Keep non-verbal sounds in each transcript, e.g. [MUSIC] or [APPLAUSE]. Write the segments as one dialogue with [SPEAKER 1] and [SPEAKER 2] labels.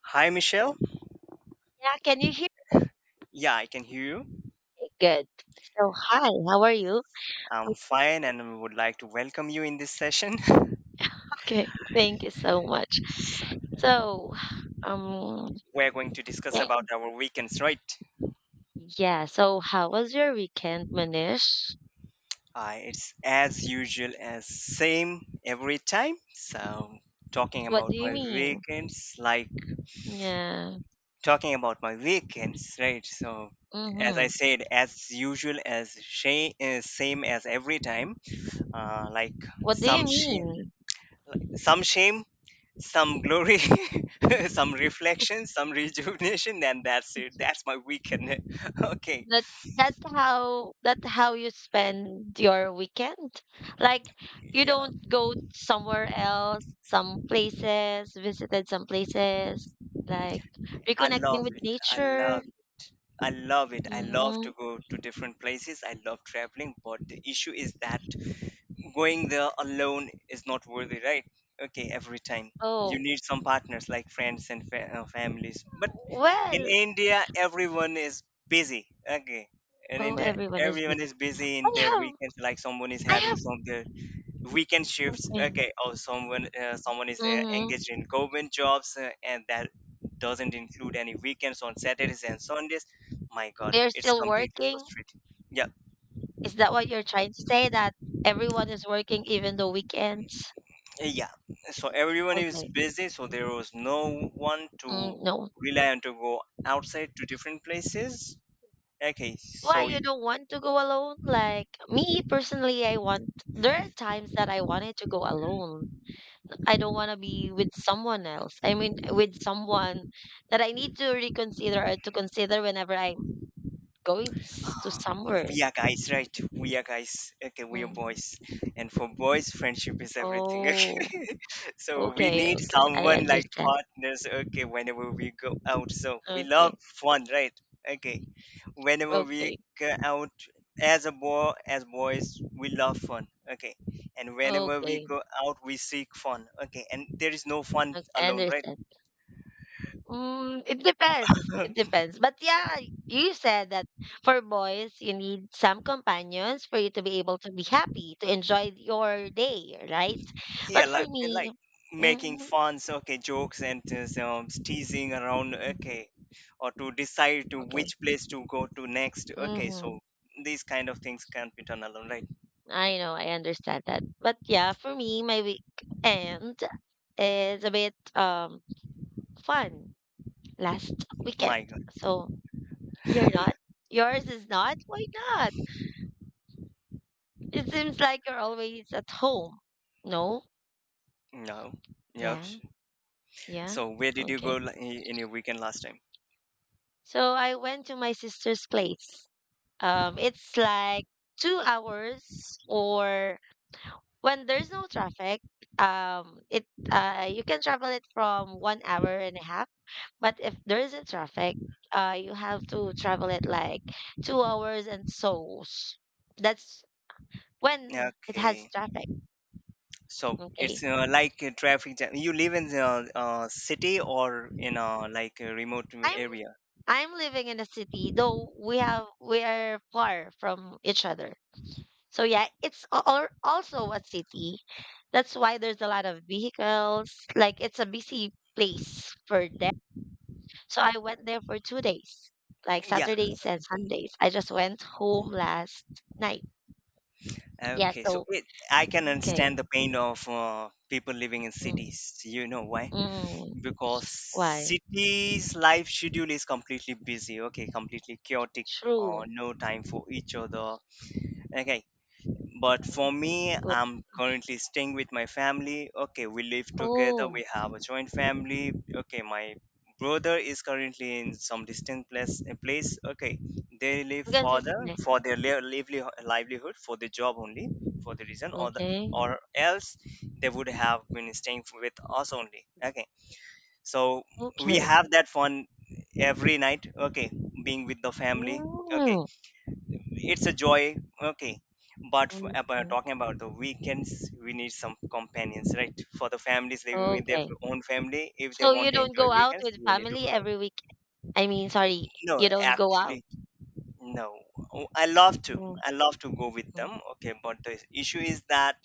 [SPEAKER 1] Hi, Michelle.
[SPEAKER 2] Yeah, can you hear me?
[SPEAKER 1] Yeah, I can hear you.
[SPEAKER 2] Okay, good. So, hi, how are you?
[SPEAKER 1] I'm fine and I would like to welcome you in this session. [LAUGHS]
[SPEAKER 2] Okay, thank you so much.
[SPEAKER 1] So
[SPEAKER 2] So, um,
[SPEAKER 1] we're going to discuss
[SPEAKER 2] yeah,
[SPEAKER 1] about our weekends, right?
[SPEAKER 2] yeah. So, how was your weekend, Manish?
[SPEAKER 1] It's as usual, as same every time. So, talking
[SPEAKER 2] What
[SPEAKER 1] about
[SPEAKER 2] do you
[SPEAKER 1] my
[SPEAKER 2] mean? Yeah.
[SPEAKER 1] weekends, right? So, as I
[SPEAKER 2] Mm-hmm.
[SPEAKER 1] said, as usual, same as every time, like
[SPEAKER 2] What do
[SPEAKER 1] some
[SPEAKER 2] you mean?
[SPEAKER 1] shame, some glory, [LAUGHS] some reflection, some rejuvenation, and that's it. That's my weekend. [LAUGHS] Okay.
[SPEAKER 2] That that's how that how you spend your weekend? Like you
[SPEAKER 1] Yeah,
[SPEAKER 2] don't go somewhere else, some places, visited some places, like
[SPEAKER 1] I
[SPEAKER 2] reconnecting
[SPEAKER 1] love
[SPEAKER 2] with
[SPEAKER 1] it. I love
[SPEAKER 2] nature.
[SPEAKER 1] it. I love it. I love
[SPEAKER 2] Mhm.
[SPEAKER 1] to go to different places. I love traveling, but the issue is that going there alone is not worthy, right? Okay, every time you
[SPEAKER 2] Oh,
[SPEAKER 1] need some partners like friends and families. But in
[SPEAKER 2] well,
[SPEAKER 1] India, everyone is busy. Okay, in
[SPEAKER 2] oh,
[SPEAKER 1] India,
[SPEAKER 2] everyone is busy.
[SPEAKER 1] everyone is busy in their
[SPEAKER 2] I have
[SPEAKER 1] weekends. Like someone is
[SPEAKER 2] I
[SPEAKER 1] having
[SPEAKER 2] have
[SPEAKER 1] some weekend shifts.
[SPEAKER 2] something.
[SPEAKER 1] Okay, someone, someone is
[SPEAKER 2] Mhm.
[SPEAKER 1] engaged in government jobs, and that doesn't include any weekends on Saturdays and Sundays. My god,
[SPEAKER 2] They're
[SPEAKER 1] it's
[SPEAKER 2] still
[SPEAKER 1] completely
[SPEAKER 2] working?
[SPEAKER 1] frustrating. Yeah,
[SPEAKER 2] Is that what you're trying to say, that everyone is working even the weekends?
[SPEAKER 1] yeah, so everyone is
[SPEAKER 2] Okay.
[SPEAKER 1] busy, so there was no one to
[SPEAKER 2] Mm, no.
[SPEAKER 1] rely on to go outside to different places. Okay,
[SPEAKER 2] Why
[SPEAKER 1] so,
[SPEAKER 2] you don't want to go alone? Like, me personally, I want there are times that I wanted to go alone. I don't wanna be with someone else. I mean, with someone that I need to reconsider or to consider whenever I'm going to
[SPEAKER 1] um,
[SPEAKER 2] somewhere.
[SPEAKER 1] we are guys, right? We are guys. Okay, we are
[SPEAKER 2] Mm.
[SPEAKER 1] boys, and for boys, friendship is everything. [LAUGHS]
[SPEAKER 2] Oh,
[SPEAKER 1] Okay, so we
[SPEAKER 2] okay,
[SPEAKER 1] need
[SPEAKER 2] okay. I
[SPEAKER 1] someone like
[SPEAKER 2] understand.
[SPEAKER 1] partners. Okay, whenever we go out, so we love
[SPEAKER 2] Okay,
[SPEAKER 1] fun, right? Okay, whenever
[SPEAKER 2] okay,
[SPEAKER 1] we go out, as boys, we love fun. Okay, and whenever we
[SPEAKER 2] okay.
[SPEAKER 1] go out, we seek fun. Okay, and there is no fun
[SPEAKER 2] I
[SPEAKER 1] alone, right?
[SPEAKER 2] understand. Mm, it depends. It
[SPEAKER 1] [LAUGHS]
[SPEAKER 2] depends. But yeah, you said that for boys, you need some companions for you to be able to be happy, to enjoy your day, right?
[SPEAKER 1] Yeah,
[SPEAKER 2] But for
[SPEAKER 1] like
[SPEAKER 2] me,
[SPEAKER 1] making
[SPEAKER 2] mm,
[SPEAKER 1] funs, okay, jokes and just, teasing around, okay, or to decide to
[SPEAKER 2] okay.
[SPEAKER 1] which place to go to next. Okay,
[SPEAKER 2] Mm-hmm.
[SPEAKER 1] so these kind of things can't be done alone, right?
[SPEAKER 2] I know, I understand that. But yeah, for me, my weekend is a bit fun last
[SPEAKER 1] My
[SPEAKER 2] weekend.
[SPEAKER 1] god.
[SPEAKER 2] So, you're not? Yours is not? Why not? It seems like you're always at home. No?
[SPEAKER 1] No. Yep.
[SPEAKER 2] Yeah. Yeah.
[SPEAKER 1] So where did you go
[SPEAKER 2] Okay.
[SPEAKER 1] in your weekend last time?
[SPEAKER 2] So I went to my sister's place. It's like 2 hours or when there's no traffic, it you can travel it from 1 hour and a half. But if there isn't traffic, you have to travel it like 2 hours and so. That's when it has
[SPEAKER 1] Okay,
[SPEAKER 2] traffic.
[SPEAKER 1] so it's,
[SPEAKER 2] Okay.
[SPEAKER 1] like a traffic jam? You live in the city or in a like a remote
[SPEAKER 2] Time,
[SPEAKER 1] area?
[SPEAKER 2] I'm living in a city, though we are far from each other. So yeah, it's also a city. That's why there's a lot of vehicles. Like it's a busy place for them. So I went there for 2 days, like
[SPEAKER 1] Yeah.
[SPEAKER 2] Saturdays and Sundays. I just went home last night. Yeah.
[SPEAKER 1] Okay,
[SPEAKER 2] So
[SPEAKER 1] I can
[SPEAKER 2] okay.
[SPEAKER 1] understand the pain of people living in
[SPEAKER 2] Mm,
[SPEAKER 1] cities. You know why?
[SPEAKER 2] mm,
[SPEAKER 1] Because
[SPEAKER 2] why?
[SPEAKER 1] cities' life schedule is completely busy, okay, completely chaotic, or
[SPEAKER 2] True.
[SPEAKER 1] no time for each other. Okay, but for me,
[SPEAKER 2] Oh,
[SPEAKER 1] I'm currently staying with my family. Okay, we live together.
[SPEAKER 2] oh,
[SPEAKER 1] We have a joint family. Okay, my brother is currently in some distant place. Okay, they live
[SPEAKER 2] because it's
[SPEAKER 1] further
[SPEAKER 2] ne-
[SPEAKER 1] for their livelihood, for the job only, for the reason, or the,
[SPEAKER 2] okay.
[SPEAKER 1] or else they would have been staying with us only. Okay, so we
[SPEAKER 2] Okay.
[SPEAKER 1] have that fun every night. Okay, being with the family. Okay,
[SPEAKER 2] Mm,
[SPEAKER 1] it's a joy, okay, but
[SPEAKER 2] mm,
[SPEAKER 1] about
[SPEAKER 2] mm.
[SPEAKER 1] talking about the weekends, we need some companions, right? For the families living with their
[SPEAKER 2] Okay.
[SPEAKER 1] own family, if they
[SPEAKER 2] So
[SPEAKER 1] want
[SPEAKER 2] you
[SPEAKER 1] to
[SPEAKER 2] don't
[SPEAKER 1] enjoy
[SPEAKER 2] go out
[SPEAKER 1] weekends,
[SPEAKER 2] with
[SPEAKER 1] you need to go
[SPEAKER 2] family
[SPEAKER 1] out.
[SPEAKER 2] every week? I mean, sorry,
[SPEAKER 1] No,
[SPEAKER 2] you don't go out?
[SPEAKER 1] actually, no. Oh, i love to
[SPEAKER 2] Mm,
[SPEAKER 1] i love to go with
[SPEAKER 2] mm,
[SPEAKER 1] them, okay, but the issue is that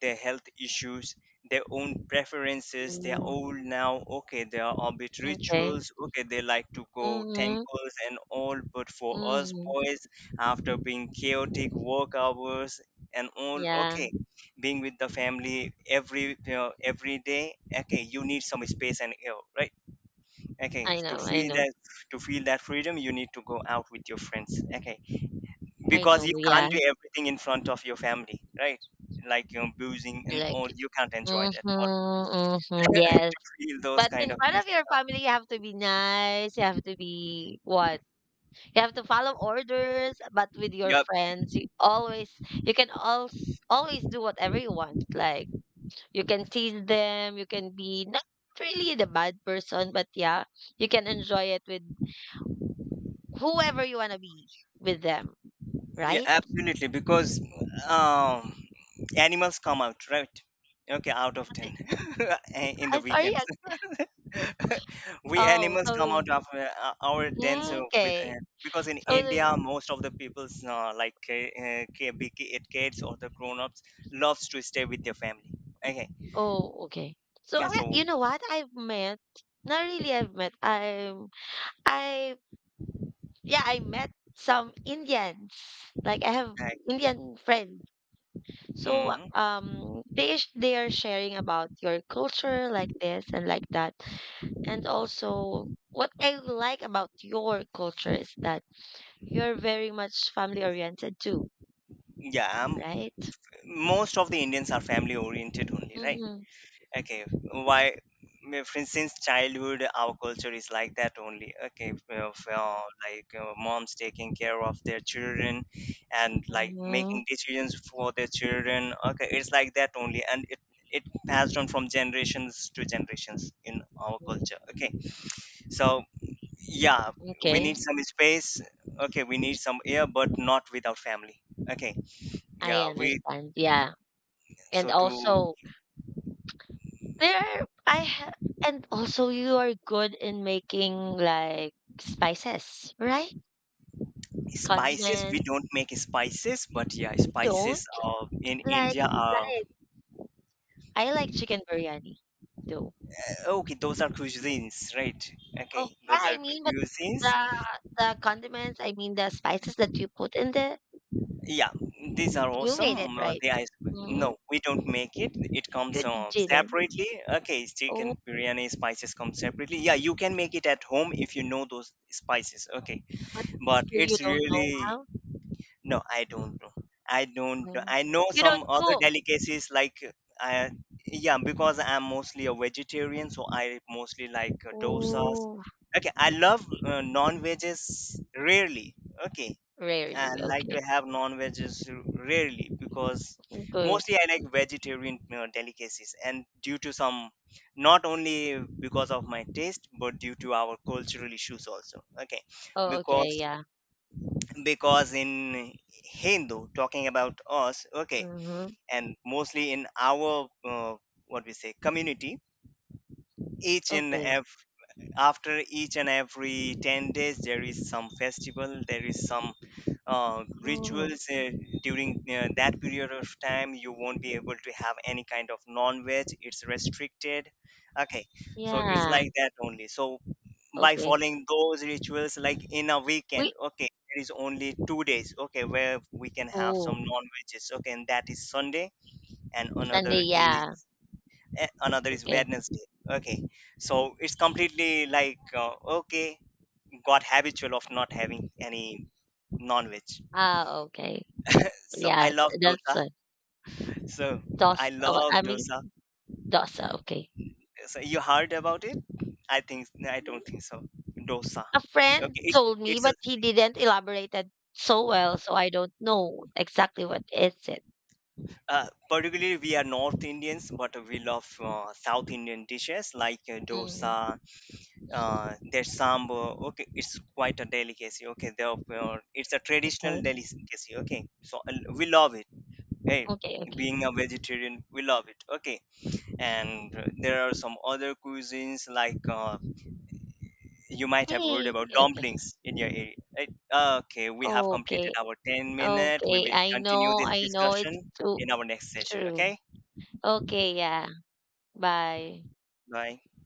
[SPEAKER 1] their health issues, their own preferences. They are
[SPEAKER 2] mm,
[SPEAKER 1] old now. Okay, there are a bit
[SPEAKER 2] okay.
[SPEAKER 1] rituals. Okay, they like to go
[SPEAKER 2] Mhm,
[SPEAKER 1] temples and all. But for us
[SPEAKER 2] mhm.
[SPEAKER 1] boys, after being chaotic work hours and all,
[SPEAKER 2] Yeah,
[SPEAKER 1] okay, being with the family every, you know, every day, okay, you need some space and air, right? Okay,
[SPEAKER 2] I
[SPEAKER 1] to
[SPEAKER 2] know, I
[SPEAKER 1] feel
[SPEAKER 2] know.
[SPEAKER 1] that to feel that freedom, you need to go out with your friends. Okay,
[SPEAKER 2] I
[SPEAKER 1] because
[SPEAKER 2] know,
[SPEAKER 1] you can't
[SPEAKER 2] yeah.
[SPEAKER 1] do everything in front of your family, right? Like, you are boozing and
[SPEAKER 2] Like,
[SPEAKER 1] all, you can't enjoy
[SPEAKER 2] mhm,
[SPEAKER 1] that, or
[SPEAKER 2] mhm,
[SPEAKER 1] [LAUGHS]
[SPEAKER 2] yes.
[SPEAKER 1] to feel those
[SPEAKER 2] But
[SPEAKER 1] kind
[SPEAKER 2] in
[SPEAKER 1] of
[SPEAKER 2] front of
[SPEAKER 1] things you
[SPEAKER 2] your family, you have to be nice. You have to be what? You have to follow orders. But
[SPEAKER 1] have.
[SPEAKER 2] with your
[SPEAKER 1] Yep.
[SPEAKER 2] friends, you can always, always do whatever you want. Like, you can tease them, you can be not really the bad person, but yeah, you can enjoy it with whoever you wanna be with them,
[SPEAKER 1] Yeah,
[SPEAKER 2] right?
[SPEAKER 1] absolutely, because
[SPEAKER 2] Mhm.
[SPEAKER 1] um animals come out, right? Okay, out of 10, [LAUGHS] in the
[SPEAKER 2] I'm sorry,
[SPEAKER 1] weekends,
[SPEAKER 2] I
[SPEAKER 1] [LAUGHS] we
[SPEAKER 2] oh,
[SPEAKER 1] animals come
[SPEAKER 2] so
[SPEAKER 1] out of our dens with,
[SPEAKER 2] okay.
[SPEAKER 1] because in
[SPEAKER 2] So the
[SPEAKER 1] India, most of the people's, like kids or the grown-ups, loves to stay with their family. Okay,
[SPEAKER 2] Oh, okay. So,
[SPEAKER 1] and
[SPEAKER 2] I
[SPEAKER 1] so,
[SPEAKER 2] you know what? I've met not really I've met, I'm I yeah, I met some Indians. Like, I have
[SPEAKER 1] uh,
[SPEAKER 2] Indian friends. So,
[SPEAKER 1] Mhm.
[SPEAKER 2] they are sharing about your culture like this and like that. And also, what I like about your culture is that you're very much family oriented too,
[SPEAKER 1] Yeah,
[SPEAKER 2] right?
[SPEAKER 1] most of the Indians are family oriented only, right?
[SPEAKER 2] Mm-hmm.
[SPEAKER 1] Okay, why? Since childhood, our culture is like that only. Okay, of, moms taking care of their children and like
[SPEAKER 2] Mm-hmm.
[SPEAKER 1] making decisions for their children. Okay, it's like that only, and it passed on from generations to generations in our culture. Okay, so yeah, we
[SPEAKER 2] Okay,
[SPEAKER 1] need some space. Okay, we need some air, but not without family. Okay,
[SPEAKER 2] I
[SPEAKER 1] yeah, we
[SPEAKER 2] understand. Yeah. And
[SPEAKER 1] so to
[SPEAKER 2] also, I have. And also you are good in making like spices, right?
[SPEAKER 1] spices, we
[SPEAKER 2] Condiment.
[SPEAKER 1] don't make spices, but yeah,
[SPEAKER 2] You don't
[SPEAKER 1] spices in
[SPEAKER 2] like
[SPEAKER 1] India are,
[SPEAKER 2] like I like chicken biryani though.
[SPEAKER 1] okay, those are cuisines, right?
[SPEAKER 2] Oh,
[SPEAKER 1] Okay,
[SPEAKER 2] yeah,
[SPEAKER 1] those
[SPEAKER 2] I
[SPEAKER 1] are
[SPEAKER 2] mean, but
[SPEAKER 1] cuisines.
[SPEAKER 2] the the condiments, I mean the spices that you put in there,
[SPEAKER 1] Yeah, these are
[SPEAKER 2] you
[SPEAKER 1] awesome,
[SPEAKER 2] made it, right?
[SPEAKER 1] they are, no,
[SPEAKER 2] Mhm.
[SPEAKER 1] we don't make it, it comes
[SPEAKER 2] You didn't?
[SPEAKER 1] separately. Okay,
[SPEAKER 2] Oh,
[SPEAKER 1] chicken biryani spices come separately. Yeah, you can make it at home if you know those spices, okay,
[SPEAKER 2] but
[SPEAKER 1] but
[SPEAKER 2] you
[SPEAKER 1] it's
[SPEAKER 2] don't know
[SPEAKER 1] really,
[SPEAKER 2] how?
[SPEAKER 1] no, I don't know. I don't know.
[SPEAKER 2] Mm.
[SPEAKER 1] I know
[SPEAKER 2] You
[SPEAKER 1] some
[SPEAKER 2] don't
[SPEAKER 1] other
[SPEAKER 2] cook?
[SPEAKER 1] delicacies like, I yeah, because I'm mostly a vegetarian, so I mostly like, dosas.
[SPEAKER 2] Oh,
[SPEAKER 1] Okay, I love, non-veggies rarely. Okay, I
[SPEAKER 2] rarely.
[SPEAKER 1] like to
[SPEAKER 2] Okay.
[SPEAKER 1] have non-veggies rarely because
[SPEAKER 2] Okay.
[SPEAKER 1] mostly I like vegetarian, delicacies, and due to some, not only because of my taste, but due to our cultural issues also. Okay,
[SPEAKER 2] Oh, okay,
[SPEAKER 1] because
[SPEAKER 2] yeah.
[SPEAKER 1] because in Hindu, talking about us, okay,
[SPEAKER 2] Mm-hmm.
[SPEAKER 1] and mostly in our, what we say, community, each and
[SPEAKER 2] Okay.
[SPEAKER 1] every after each and every 10 days there is some festival, there is some,
[SPEAKER 2] Oh,
[SPEAKER 1] rituals, during that period of time you won't be able to have any kind of non-veg, it's restricted, okay, so it's
[SPEAKER 2] yeah.
[SPEAKER 1] like that only, so by
[SPEAKER 2] Okay.
[SPEAKER 1] following those rituals, like in a weekend,
[SPEAKER 2] We,
[SPEAKER 1] okay, there is only 2 days okay where we can have some
[SPEAKER 2] oh,
[SPEAKER 1] non-veggies, okay, and that is Sunday, and
[SPEAKER 2] Sunday, yeah.
[SPEAKER 1] another is
[SPEAKER 2] Okay.
[SPEAKER 1] Wednesday. Okay, so it's completely like, okay, got habitual of not having any non-veg.
[SPEAKER 2] Ah, okay.
[SPEAKER 1] So I
[SPEAKER 2] Yeah,
[SPEAKER 1] love
[SPEAKER 2] that's
[SPEAKER 1] dosa. So I
[SPEAKER 2] dosa.
[SPEAKER 1] love
[SPEAKER 2] I mean,
[SPEAKER 1] dosa.
[SPEAKER 2] dosa, okay.
[SPEAKER 1] So you heard about it? I think I don't think so. Dosa.
[SPEAKER 2] A friend
[SPEAKER 1] Okay, it's
[SPEAKER 2] told me,
[SPEAKER 1] it's a,
[SPEAKER 2] but he didn't elaborate it so well, so I don't know exactly what is it.
[SPEAKER 1] particularly we are North Indians, but we love, South Indian dishes like,
[SPEAKER 2] Mm,
[SPEAKER 1] dosa, there's sambar, okay, it's quite a delicacy, okay, therefore it's a traditional
[SPEAKER 2] okay,
[SPEAKER 1] delicacy, okay, so and we love it, hey,
[SPEAKER 2] okay, okay.
[SPEAKER 1] being a vegetarian, we love it, okay, and, there are some other cuisines like, you might have heard
[SPEAKER 2] Hey,
[SPEAKER 1] about
[SPEAKER 2] okay,
[SPEAKER 1] dumplings in your area, right? Okay, we have completed
[SPEAKER 2] okay,
[SPEAKER 1] our 10 minute, we
[SPEAKER 2] okay.
[SPEAKER 1] will
[SPEAKER 2] I
[SPEAKER 1] continue
[SPEAKER 2] know,
[SPEAKER 1] this
[SPEAKER 2] I know.
[SPEAKER 1] discussion
[SPEAKER 2] It's too
[SPEAKER 1] in our next session.
[SPEAKER 2] true.
[SPEAKER 1] Okay,
[SPEAKER 2] Okay, yeah. Bye.
[SPEAKER 1] bye.